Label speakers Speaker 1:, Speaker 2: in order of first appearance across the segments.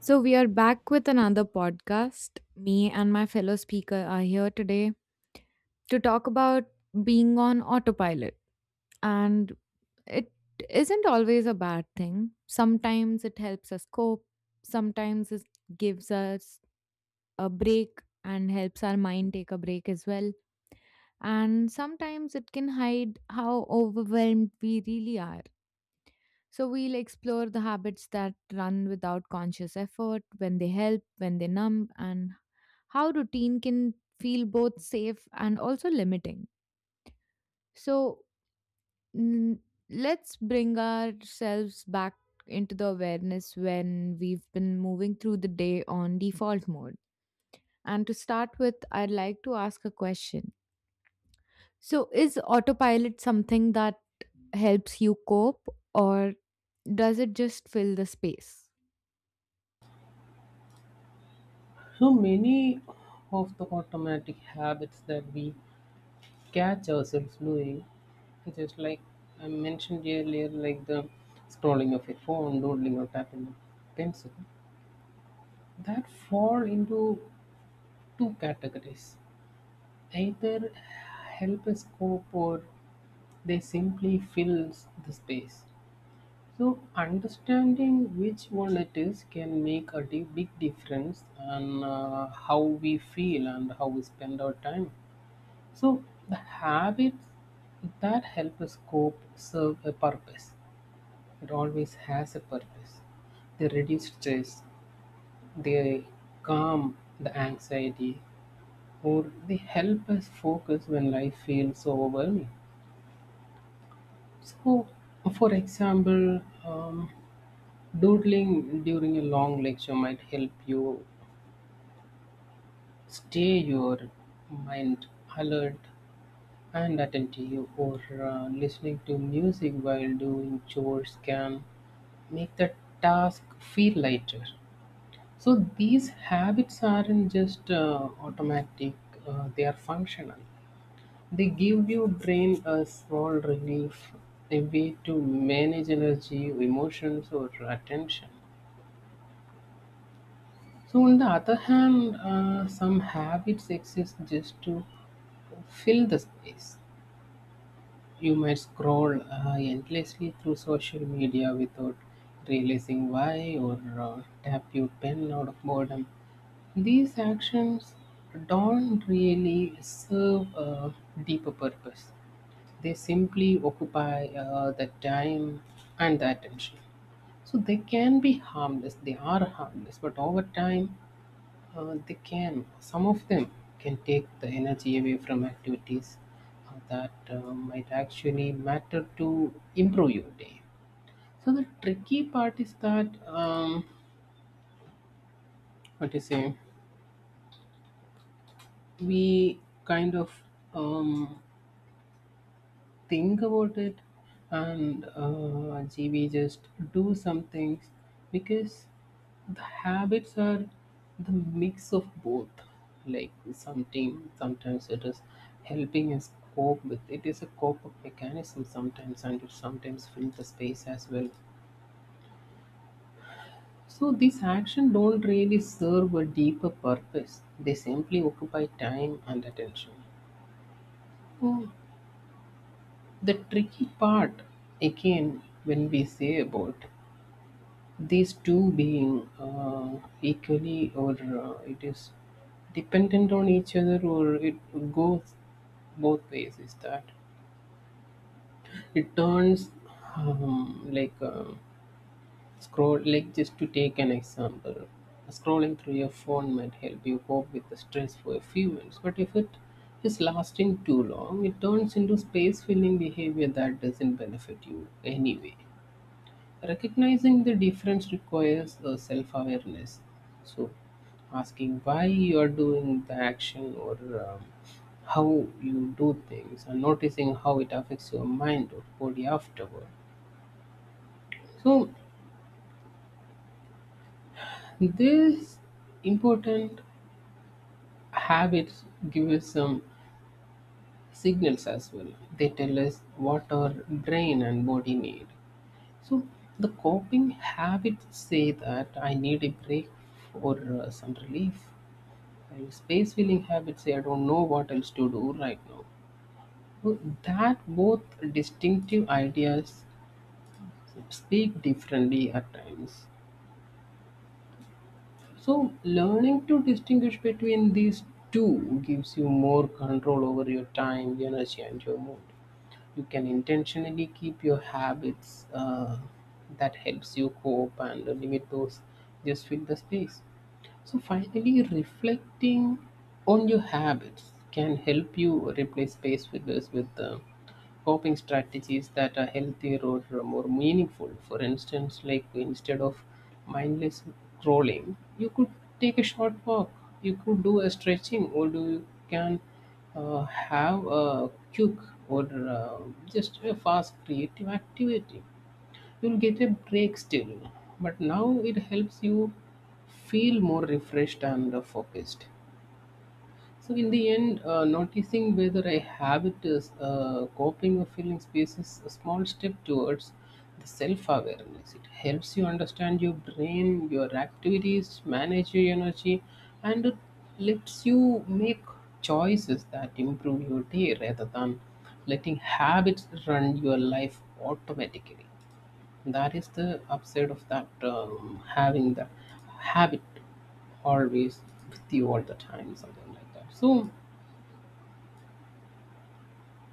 Speaker 1: So, we are back with another podcast. Me and my fellow speaker are here today to talk about being on autopilot. And it isn't always a bad thing. Sometimes it helps us cope, sometimes it gives us a break and helps our mind take a break as well. And sometimes it can hide how overwhelmed we really are. So we'll explore the habits that run without conscious effort, when they help, when they numb, and how routine can feel both safe and also limiting. So mm, let's bring ourselves back into the awareness when we've been moving through the day on default mode. And to start with, I'd like to ask a question. So, is autopilot something that helps you cope, or does it just fill the space?
Speaker 2: So many of the automatic habits that we catch ourselves doing, just like I mentioned earlier, like the scrolling of a phone, doodling, or tapping a pencil, that fall into two categories. Either help us cope or they simply fills the space. So understanding which one it is can make a big difference on how we feel and how we spend our time. So the habits that help us cope serve a purpose. It always has a purpose. They reduce stress, they calm the anxiety, or they help us focus when life feels so overwhelming. So, for example, doodling during a long lecture might help you stay your mind alert and attentive or listening to music while doing chores can make the task feel lighter. So these habits aren't just automatic, they are functional. They give your brain a small relief, a way to manage energy, emotions, or attention. So, on the other hand, some habits exist just to fill the space. You might scroll endlessly through social media without realizing why or tap your pen out of boredom. These actions don't really serve a deeper purpose. They simply occupy the time and the attention. So they can be harmless, they are harmless, but over time they can. Some of them can take the energy away from activities that might actually matter to improve your day. So the tricky part is that what do you say, we kind of um, think about it, and gee, we just do some things because the habits are the mix of both. Like something, sometimes it is helping us cope with it is a cope up mechanism sometimes and it sometimes fills the space as well. So these actions don't really serve a deeper purpose. They simply occupy time and attention. So the tricky part again when we say about these two being equally or it is dependent on each other or it goes both ways is that it turns like scroll like just to take an example, scrolling through your phone might help you cope with the stress for a few minutes, but if it is lasting too long it turns into space filling behavior that doesn't benefit you anyway. Recognizing the difference requires a self-awareness. So asking why you are doing the action or um, how you do things and noticing how it affects your mind or body afterward. So these important habits give us some signals as well. They tell us what our brain and body need. So the coping habits say that I need a break or some relief. I'm space filling habits. I don't know what else to do right now. So that both distinctive ideas speak differently at times. So learning to distinguish between these two gives you more control over your time, your energy, and your mood. You can intentionally keep your habits that helps you cope and limit those just fill the space. So finally, reflecting on your habits can help you replace space fillers with coping strategies that are healthier or more meaningful. For instance, like instead of mindless scrolling, you could take a short walk. You could do a stretching, or do you can have a quick or uh, just a fast creative activity. You'll get a break still, but now it helps you feel more refreshed and focused. So in the end noticing whether a habit is coping or feeling space is a small step towards the self-awareness. It helps you understand your brain, your activities, manage your energy, and it lets you make choices that improve your day rather than letting habits run your life automatically. That is the upside of that having the habit always with you all the time, something like that. So,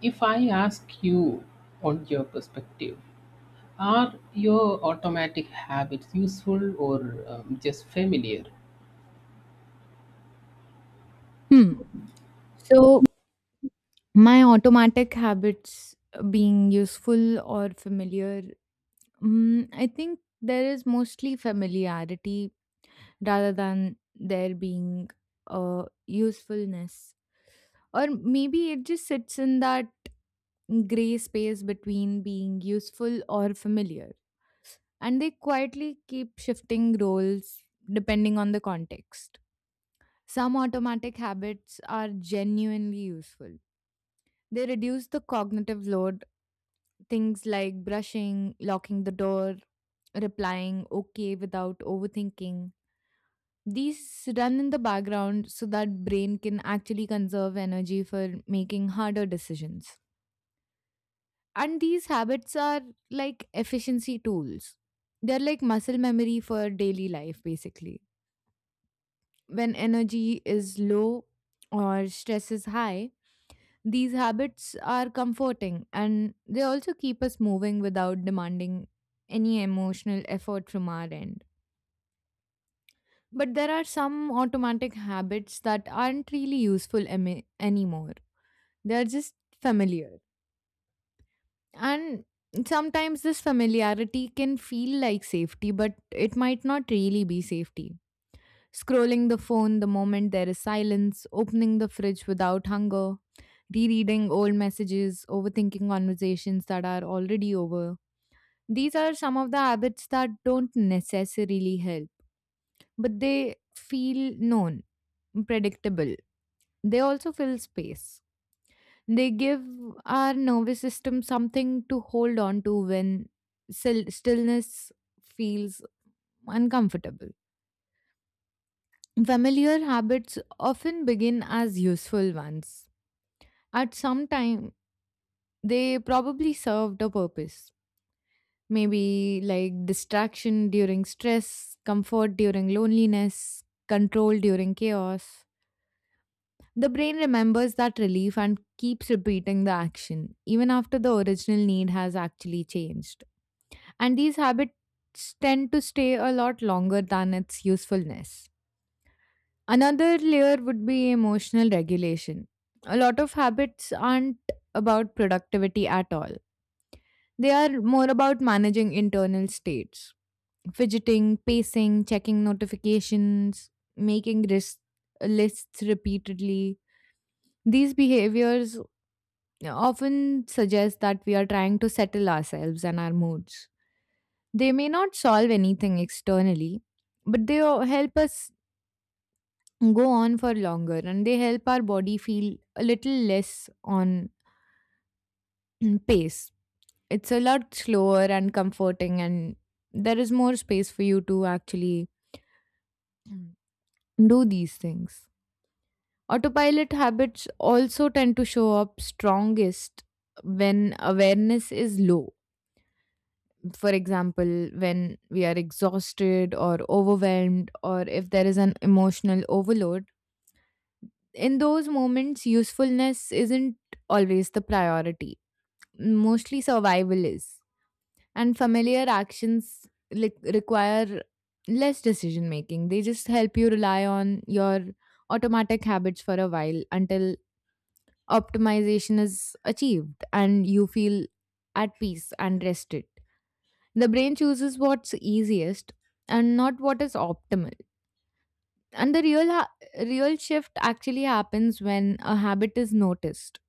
Speaker 2: if I ask you on your perspective, are your automatic habits useful or just familiar?
Speaker 1: Hmm. So, my automatic habits being useful or familiar, I think there is mostly familiarity rather than there being usefulness. Or maybe it just sits in that gray space between being useful or familiar. And they quietly keep shifting roles depending on the context. Some automatic habits are genuinely useful. They reduce the cognitive load, things like brushing, locking the door, replying okay without overthinking. These run in the background so that brain can actually conserve energy for making harder decisions. And these habits are like efficiency tools. They're like muscle memory for daily life basically. When energy is low or stress is high, these habits are comforting and they also keep us moving without demanding any emotional effort from our end. But there are some automatic habits that aren't really useful anymore. They're just familiar. And sometimes this familiarity can feel like safety, but it might not really be safety. Scrolling the phone the moment there is silence, opening the fridge without hunger, rereading old messages, overthinking conversations that are already over. These are some of the habits that don't necessarily help, but they feel known, predictable. They also fill space. They give our nervous system something to hold on to when stillness feels uncomfortable. Familiar habits often begin as useful ones. At some time, they probably served a purpose. Maybe like distraction during stress, comfort during loneliness, control during chaos. The brain remembers that relief and keeps repeating the action, even after the original need has actually changed. And these habits tend to stay a lot longer than its usefulness. Another layer would be emotional regulation. A lot of habits aren't about productivity at all, they are more about managing internal states. Fidgeting, pacing, checking notifications, making lists repeatedly. These behaviors often suggest that we are trying to settle ourselves and our moods. They may not solve anything externally, but they help us go on for longer and they help our body feel a little less on pace. It's a lot slower and comforting, and there is more space for you to actually do these things. Autopilot habits also tend to show up strongest when awareness is low. For example, when we are exhausted or overwhelmed, or if there is an emotional overload. In those moments, usefulness isn't always the priority, mostly survival is. And familiar actions like require less decision making, they just help you rely on your automatic habits for a while until optimization is achieved and you feel at peace and rested. The brain chooses what's easiest and not what is optimal. And the real shift actually happens when a habit is noticed.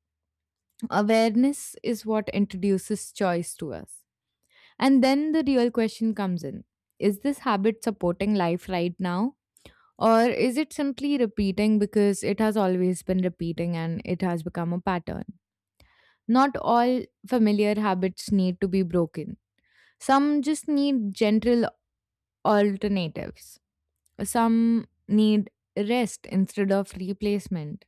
Speaker 1: Awareness is what introduces choice to us. And then the real question comes in. Is this habit supporting life right now? Or is it simply repeating because it has always been repeating and it has become a pattern? Not all familiar habits need to be broken. Some just need gentle alternatives. Some need rest instead of replacement.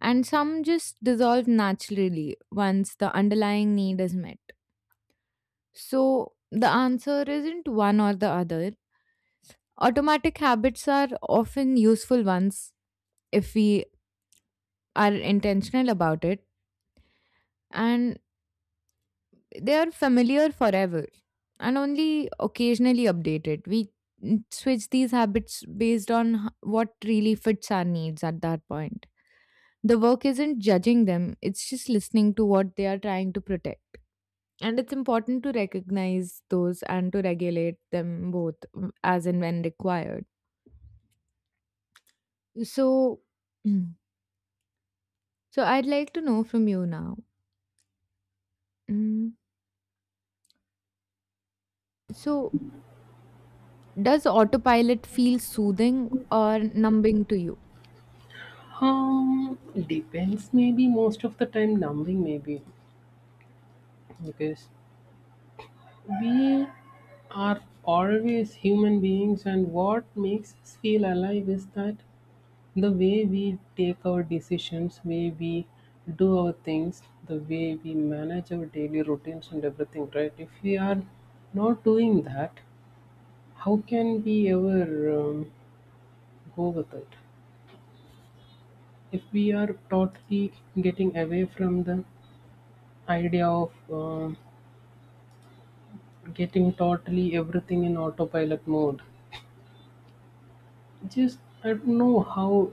Speaker 1: And some just dissolve naturally once the underlying need is met. So the answer isn't one or the other. Automatic habits are often useful ones if we are intentional about it. And they are familiar forever and only occasionally updated. We switch these habits based on what really fits our needs at that point. The work isn't judging them, it's just listening to what they are trying to protect. And it's important to recognize those and to regulate them both, as and when required. So, so I'd like to know from you now. mm, So, does autopilot feel soothing or numbing to you?
Speaker 2: Um, Depends. Maybe most of the time, numbing maybe because we are always human beings, and what makes us feel alive is that the way we take our decisions, way we do our things, the way we manage our daily routines and everything, right? If we are not doing that, how can we ever go with it? If we are totally getting away from the idea of getting totally everything in autopilot mode, just I don't know how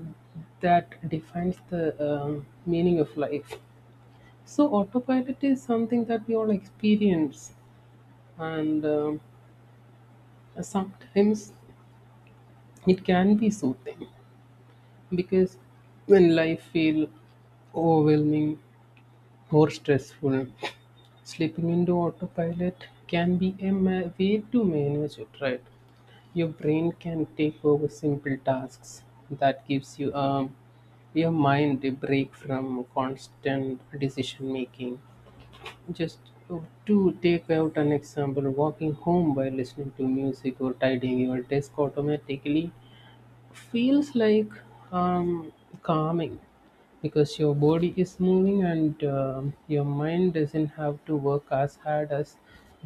Speaker 2: that defines the meaning of life. So, autopilot is something that we all experience, and sometimes it can be soothing because when life feels overwhelming or stressful, slipping into autopilot can be a way to manage it, right? Your brain can take over simple tasks that gives you your mind a break from constant decision making. Just oh, to take out an example, walking home by listening to music or tidying your desk automatically feels like um, calming because your body is moving and your mind doesn't have to work as hard as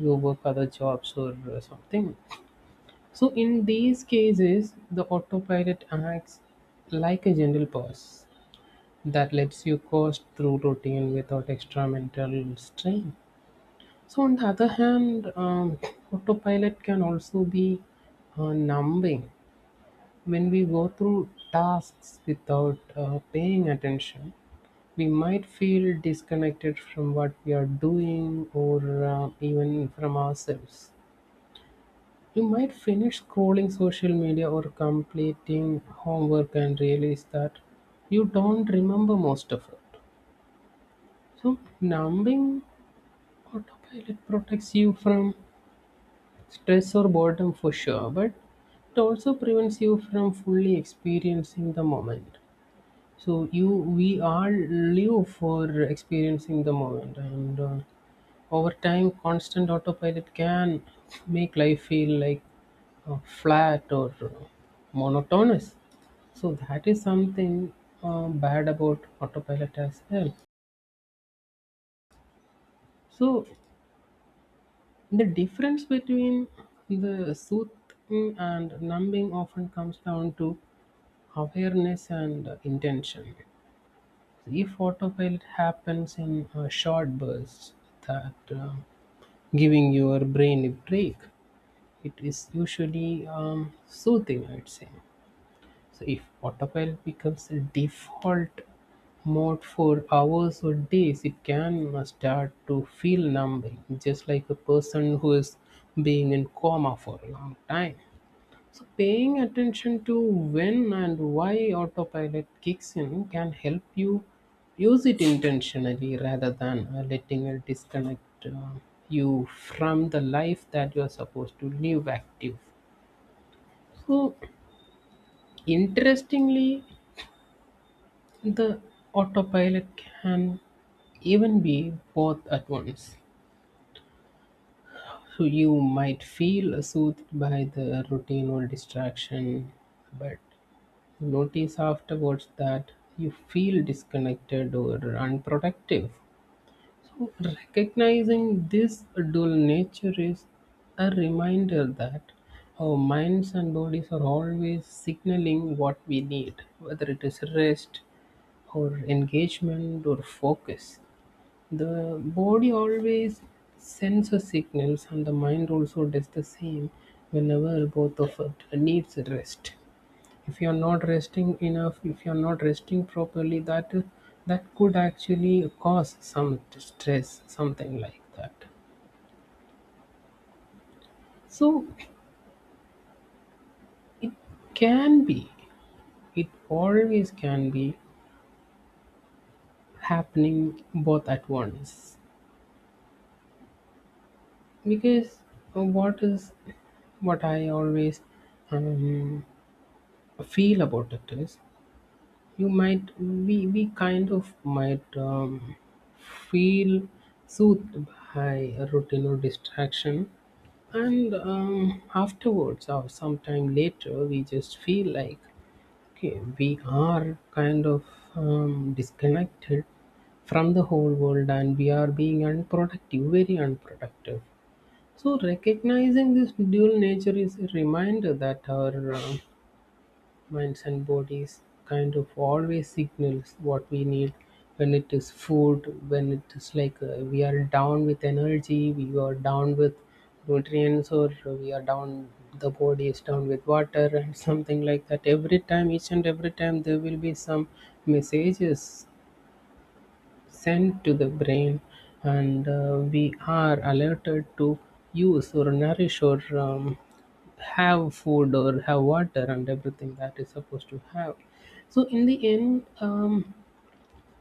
Speaker 2: you work other jobs or something. So, in these cases, the autopilot acts like a gentle pause that lets you coast through routine without extra mental strain. So, on the other hand, autopilot can also be numbing. When we go through tasks without paying attention, we might feel disconnected from what we are doing or even from ourselves. You might finish scrolling social media or completing homework and realize that you don't remember most of it. So, numbing autopilot protects you from stress or boredom for sure, but it also prevents you from fully experiencing the moment. So you, we all live for experiencing the moment, and over time constant autopilot can make life feel like flat or monotonous. So that is something bad about autopilot as well. So the difference between the soothing and numbing often comes down to awareness and intention. If autopilot happens in short bursts that giving your brain a break, it is usually soothing, I'd say. So if autopilot becomes a default mode for hours or days, it can start to feel numbing, just like a person who is being in coma for a long time. So paying attention to when and why autopilot kicks in can help you use it intentionally rather than letting it disconnect you from the life that you are supposed to live active. So interestingly, the autopilot can even be both at once. So you might feel soothed by the routine or distraction, but notice afterwards that you feel disconnected or unproductive. So, recognizing this dual nature is a reminder that our minds and bodies are always signaling what we need, whether it is rest or engagement or focus. The body always sends us signals, and the mind also does the same whenever both of it needs rest. If you're not resting enough, if you're not resting properly, that could actually cause some stress, something like that. So it can be, it always can be happening both at once. Because what is what I always um, feel about it is you might we kind of might feel soothed by a routine or distraction, and afterwards or sometime later we just feel like okay we are kind of disconnected from the whole world and we are being unproductive, very unproductive. So recognizing this dual nature is a reminder that our minds and bodies kind of always signals what we need, when it is food, when it is like we are down with energy, we are down with nutrients, or we are down, the body is down with water and something like that. Every time, each and every time, there will be some messages sent to the brain, and we are alerted to use or nourish or have food or have water and everything that is supposed to have. So in the end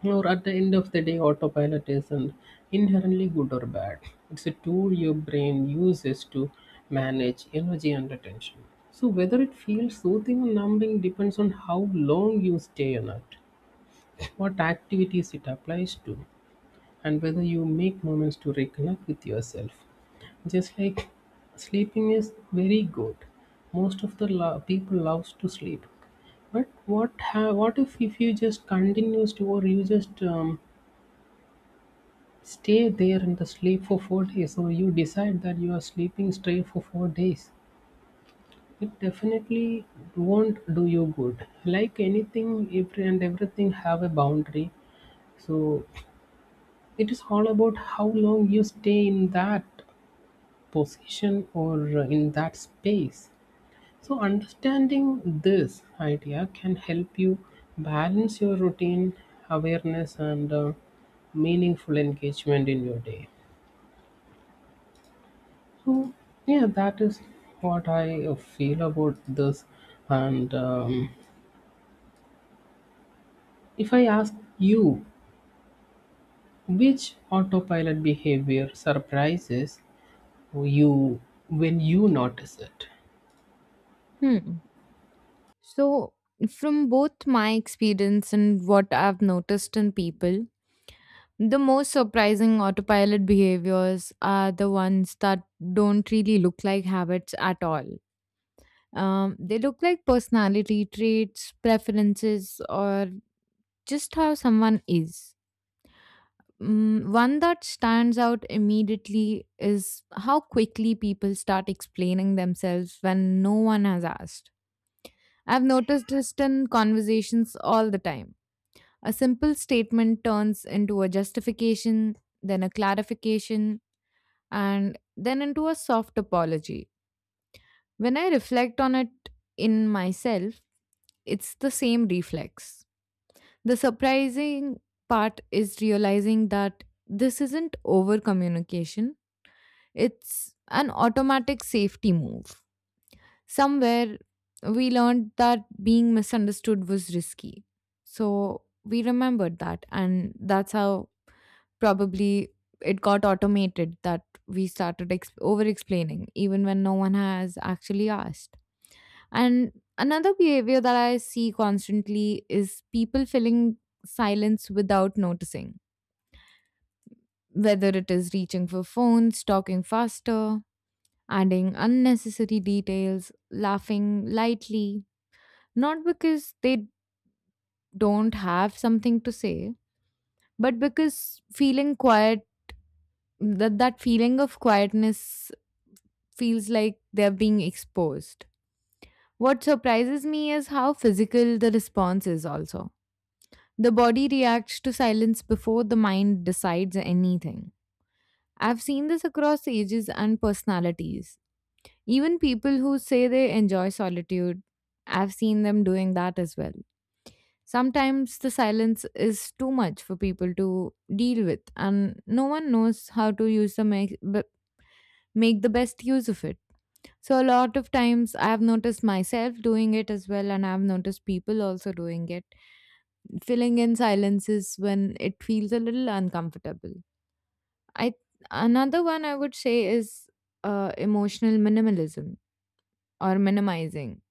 Speaker 2: or at the end of the day, autopilot isn't inherently good or bad. It's a tool your brain uses to manage energy and attention. So whether it feels soothing or numbing depends on how long you stay on it, what activities it applies to, and whether you make moments to reconnect with yourself. Just like sleeping is very good. Most of the people loves to sleep. But what if you just continues to or you just stay there in the sleep for 4 days, or you decide that you are sleeping straight for 4 days? It definitely won't do you good. Like anything, every and everything have a boundary. So it is all about how long you stay in that position or in that space. So, understanding this idea can help you balance your routine, awareness, and meaningful engagement in your day. So, yeah, that is what I feel about this. And if I ask you, which autopilot behavior surprises you when you notice it?
Speaker 1: Hmm. So, from both my experience and what I've noticed in people, the most surprising autopilot behaviors are the ones that don't really look like habits at all. They look like personality traits, preferences, or just how someone is. One that stands out immediately is how quickly people start explaining themselves when no one has asked. I've noticed this in conversations all the time. A simple statement turns into a justification, then a clarification, and then into a soft apology. When I reflect on it in myself, it's the same reflex. The surprising part is realizing that this isn't over communication, it's an automatic safety move. Somewhere we learned that being misunderstood was risky. So we remembered that, and that's how probably it got automated that we started over explaining even when no one has actually asked. And another behavior that I see constantly is people filling silence without noticing whether it is reaching for phones, talking faster, adding unnecessary details, laughing lightly, not because they don't have something to say, but because feeling quiet, that feeling of quietness feels like they're being exposed. What surprises me is how physical the response is, also. The body reacts to silence before the mind decides anything. I've seen this across ages and personalities. Even people who say they enjoy solitude, I've seen them doing that as well. Sometimes the silence is too much for people to deal with, and no one knows how to use make the best use of it. So a lot of times I have noticed myself doing it as well, and I've noticed people also doing it, filling in silences when it feels a little uncomfortable. I, another one I would say is emotional minimalism or minimizing.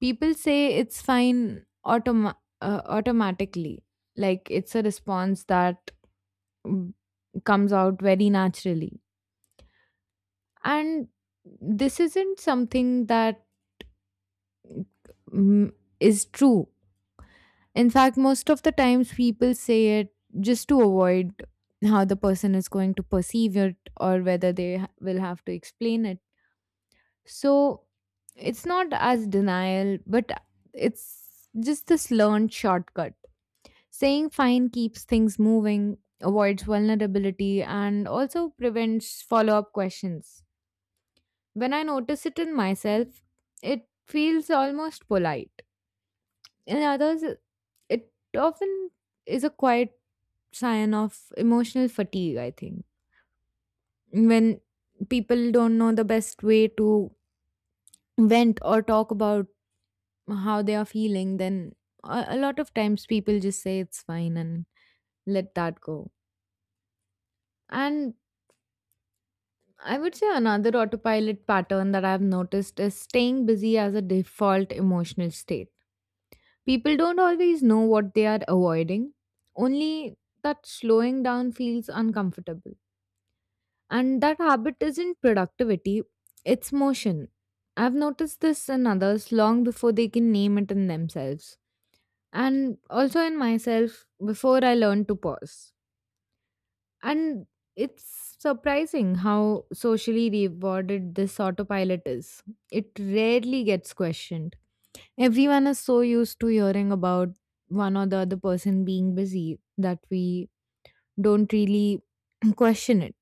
Speaker 1: People say it's fine automatically, like it's a response that mm, comes out very naturally, and this isn't something that mm, is true. In fact, most of the times people say it just to avoid how the person is going to perceive it or whether they will have to explain it. So it's not as denial, but it's just this learned shortcut. Saying fine keeps things moving, avoids vulnerability, and also prevents follow up questions. When I notice it in myself, it feels almost polite. In others, it often is a quiet sign of emotional fatigue, I think. When people don't know the best way to vent or talk about how they are feeling, then a lot of times people just say it's fine and let that go. And I would say another autopilot pattern that I've noticed is staying busy as a default emotional state. People don't always know what they are avoiding, only that slowing down feels uncomfortable. And that habit isn't productivity, it's motion. I've noticed this in others long before they can name it in themselves, and also in myself before I learned to pause. And it's surprising how socially rewarded this autopilot is. It rarely gets questioned. Everyone is so used to hearing about one or the other person being busy that we don't really question it.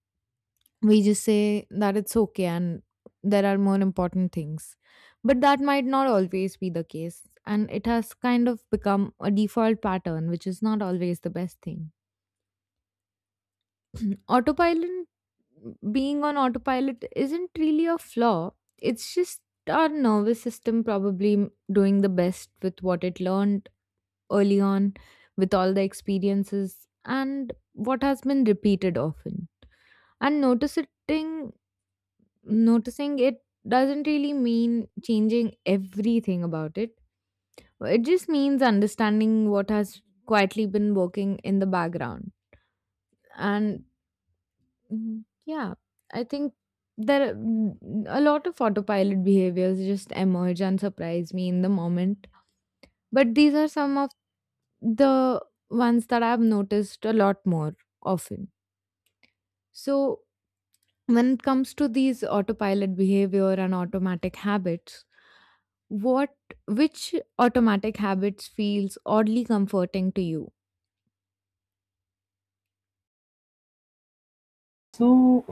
Speaker 1: We just say that it's okay and there are more important things. But that might not always be the case. And it has kind of become a default pattern, which is not always the best thing. Autopilot, being on autopilot isn't really a flaw, it's just our nervous system probably doing the best with what it learned early on, with all the experiences, and what has been repeated often. And noticing it doesn't really mean changing everything about it. It just means understanding what has quietly been working in the background. And yeah, I think there, a lot of autopilot behaviors just emerge and surprise me in the moment. But these are some of the ones that I've noticed a lot more often. So when it comes to these autopilot behavior and automatic habits, what, which automatic habits feels oddly comforting to you?
Speaker 2: So,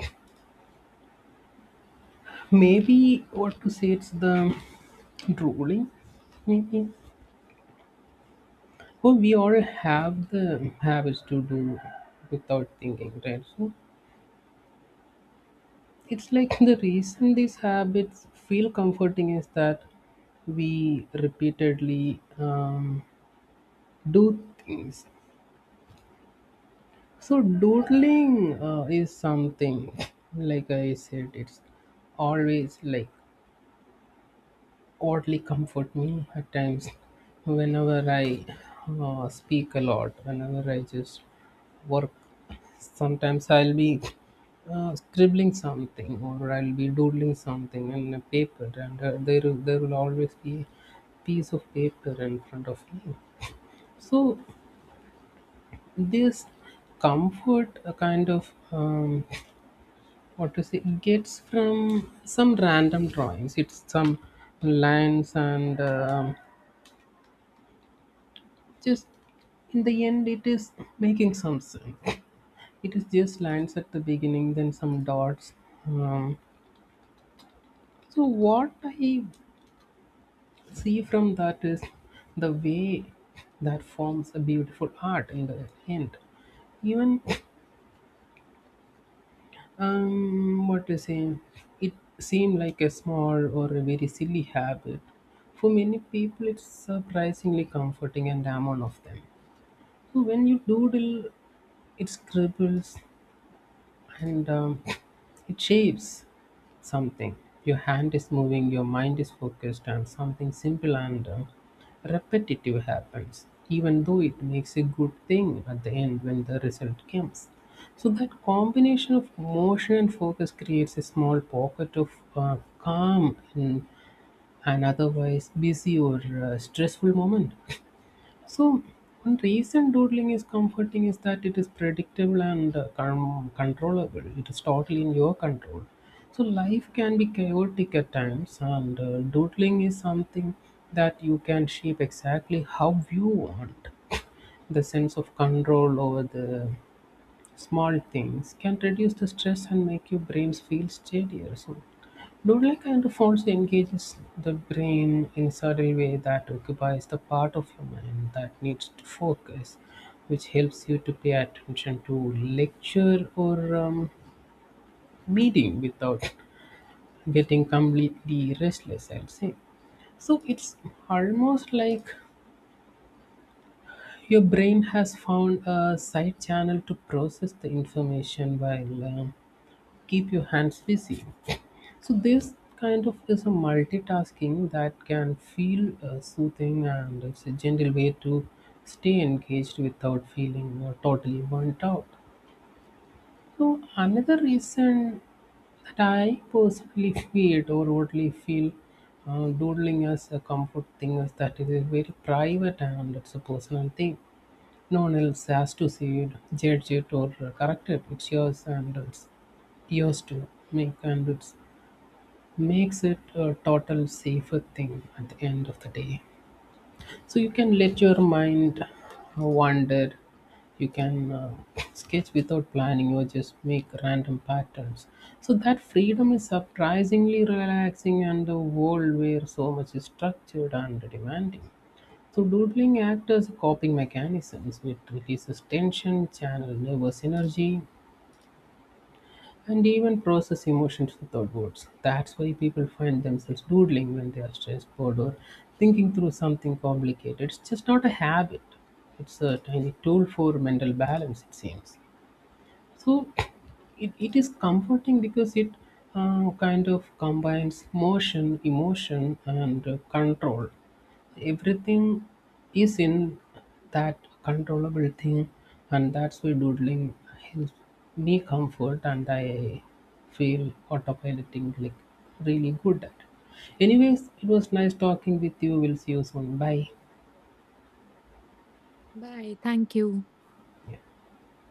Speaker 2: maybe what to say, it's the drooling. Maybe. Oh, we all have the habits to do without thinking, right? So it's like, the reason these habits feel comforting is that we repeatedly do things. So doodling is something, like I said, it's always like oddly comfort me at times whenever I speak a lot, whenever I just work. Sometimes I'll be scribbling something, or I'll be doodling something in a paper, and there will always be a piece of paper in front of me. So, this comfort kind of, what to say, it gets from some random drawings. It's some lines, and just in the end, it is making some sense. It is just lines at the beginning, then some dots. um, so what I see from that is the way that forms a beautiful art in the end. Even, what to say, it seemed like a small or a very silly habit. For many people, it's surprisingly comforting, and damn, one of them. So when you doodle, it scribbles, and it shapes something. Your hand is moving, your mind is focused, and something simple and, repetitive happens, even though it makes a good thing at the end when the result comes. So, that combination of motion and focus creates a small pocket of calm in an otherwise busy or stressful moment. So, one reason doodling is comforting is that it is predictable and controllable. It is totally in your control. So, life can be chaotic at times, and doodling is something that you can shape exactly how you want. The sense of control over the small things can reduce the stress and make your brains feel steadier. So, doodling kind of also engages the brain in a subtle way that occupies the part of your mind that needs to focus, which helps you to pay attention to lecture or meeting without getting completely restless, I'd say. So it's almost like your brain has found a side channel to process the information while, keep your hands busy. So this kind of is a multitasking that can feel soothing, and it's a gentle way to stay engaged without feeling totally burnt out. So another reason that I personally feel or overtly feel doodling as a comfort thing is that it is very private, and it's a personal thing. No one else has to see it, judge it, or correct it. It's yours, and it's yours to make, and it's makes it a total safer thing at the end of the day. So you can let your mind wander, you can sketch without planning or just make random patterns. So that freedom is surprisingly relaxing, and a world where so much is structured and demanding. So doodling acts as a coping mechanism. It releases tension, channels nervous energy, and even process emotions without words. That's why people find themselves doodling when they are stressed, bored, or thinking through something complicated. It's just not a habit, it's a tiny tool for mental balance, it seems. So, it is comforting because it kind of combines motion, emotion, and control. Everything is in that controllable thing, and that's why doodling helps me comfort, and I feel autopiloting like really good at. Anyways, it was nice talking with you. We'll see you soon. Bye.
Speaker 1: Bye, thank you.
Speaker 2: Yeah.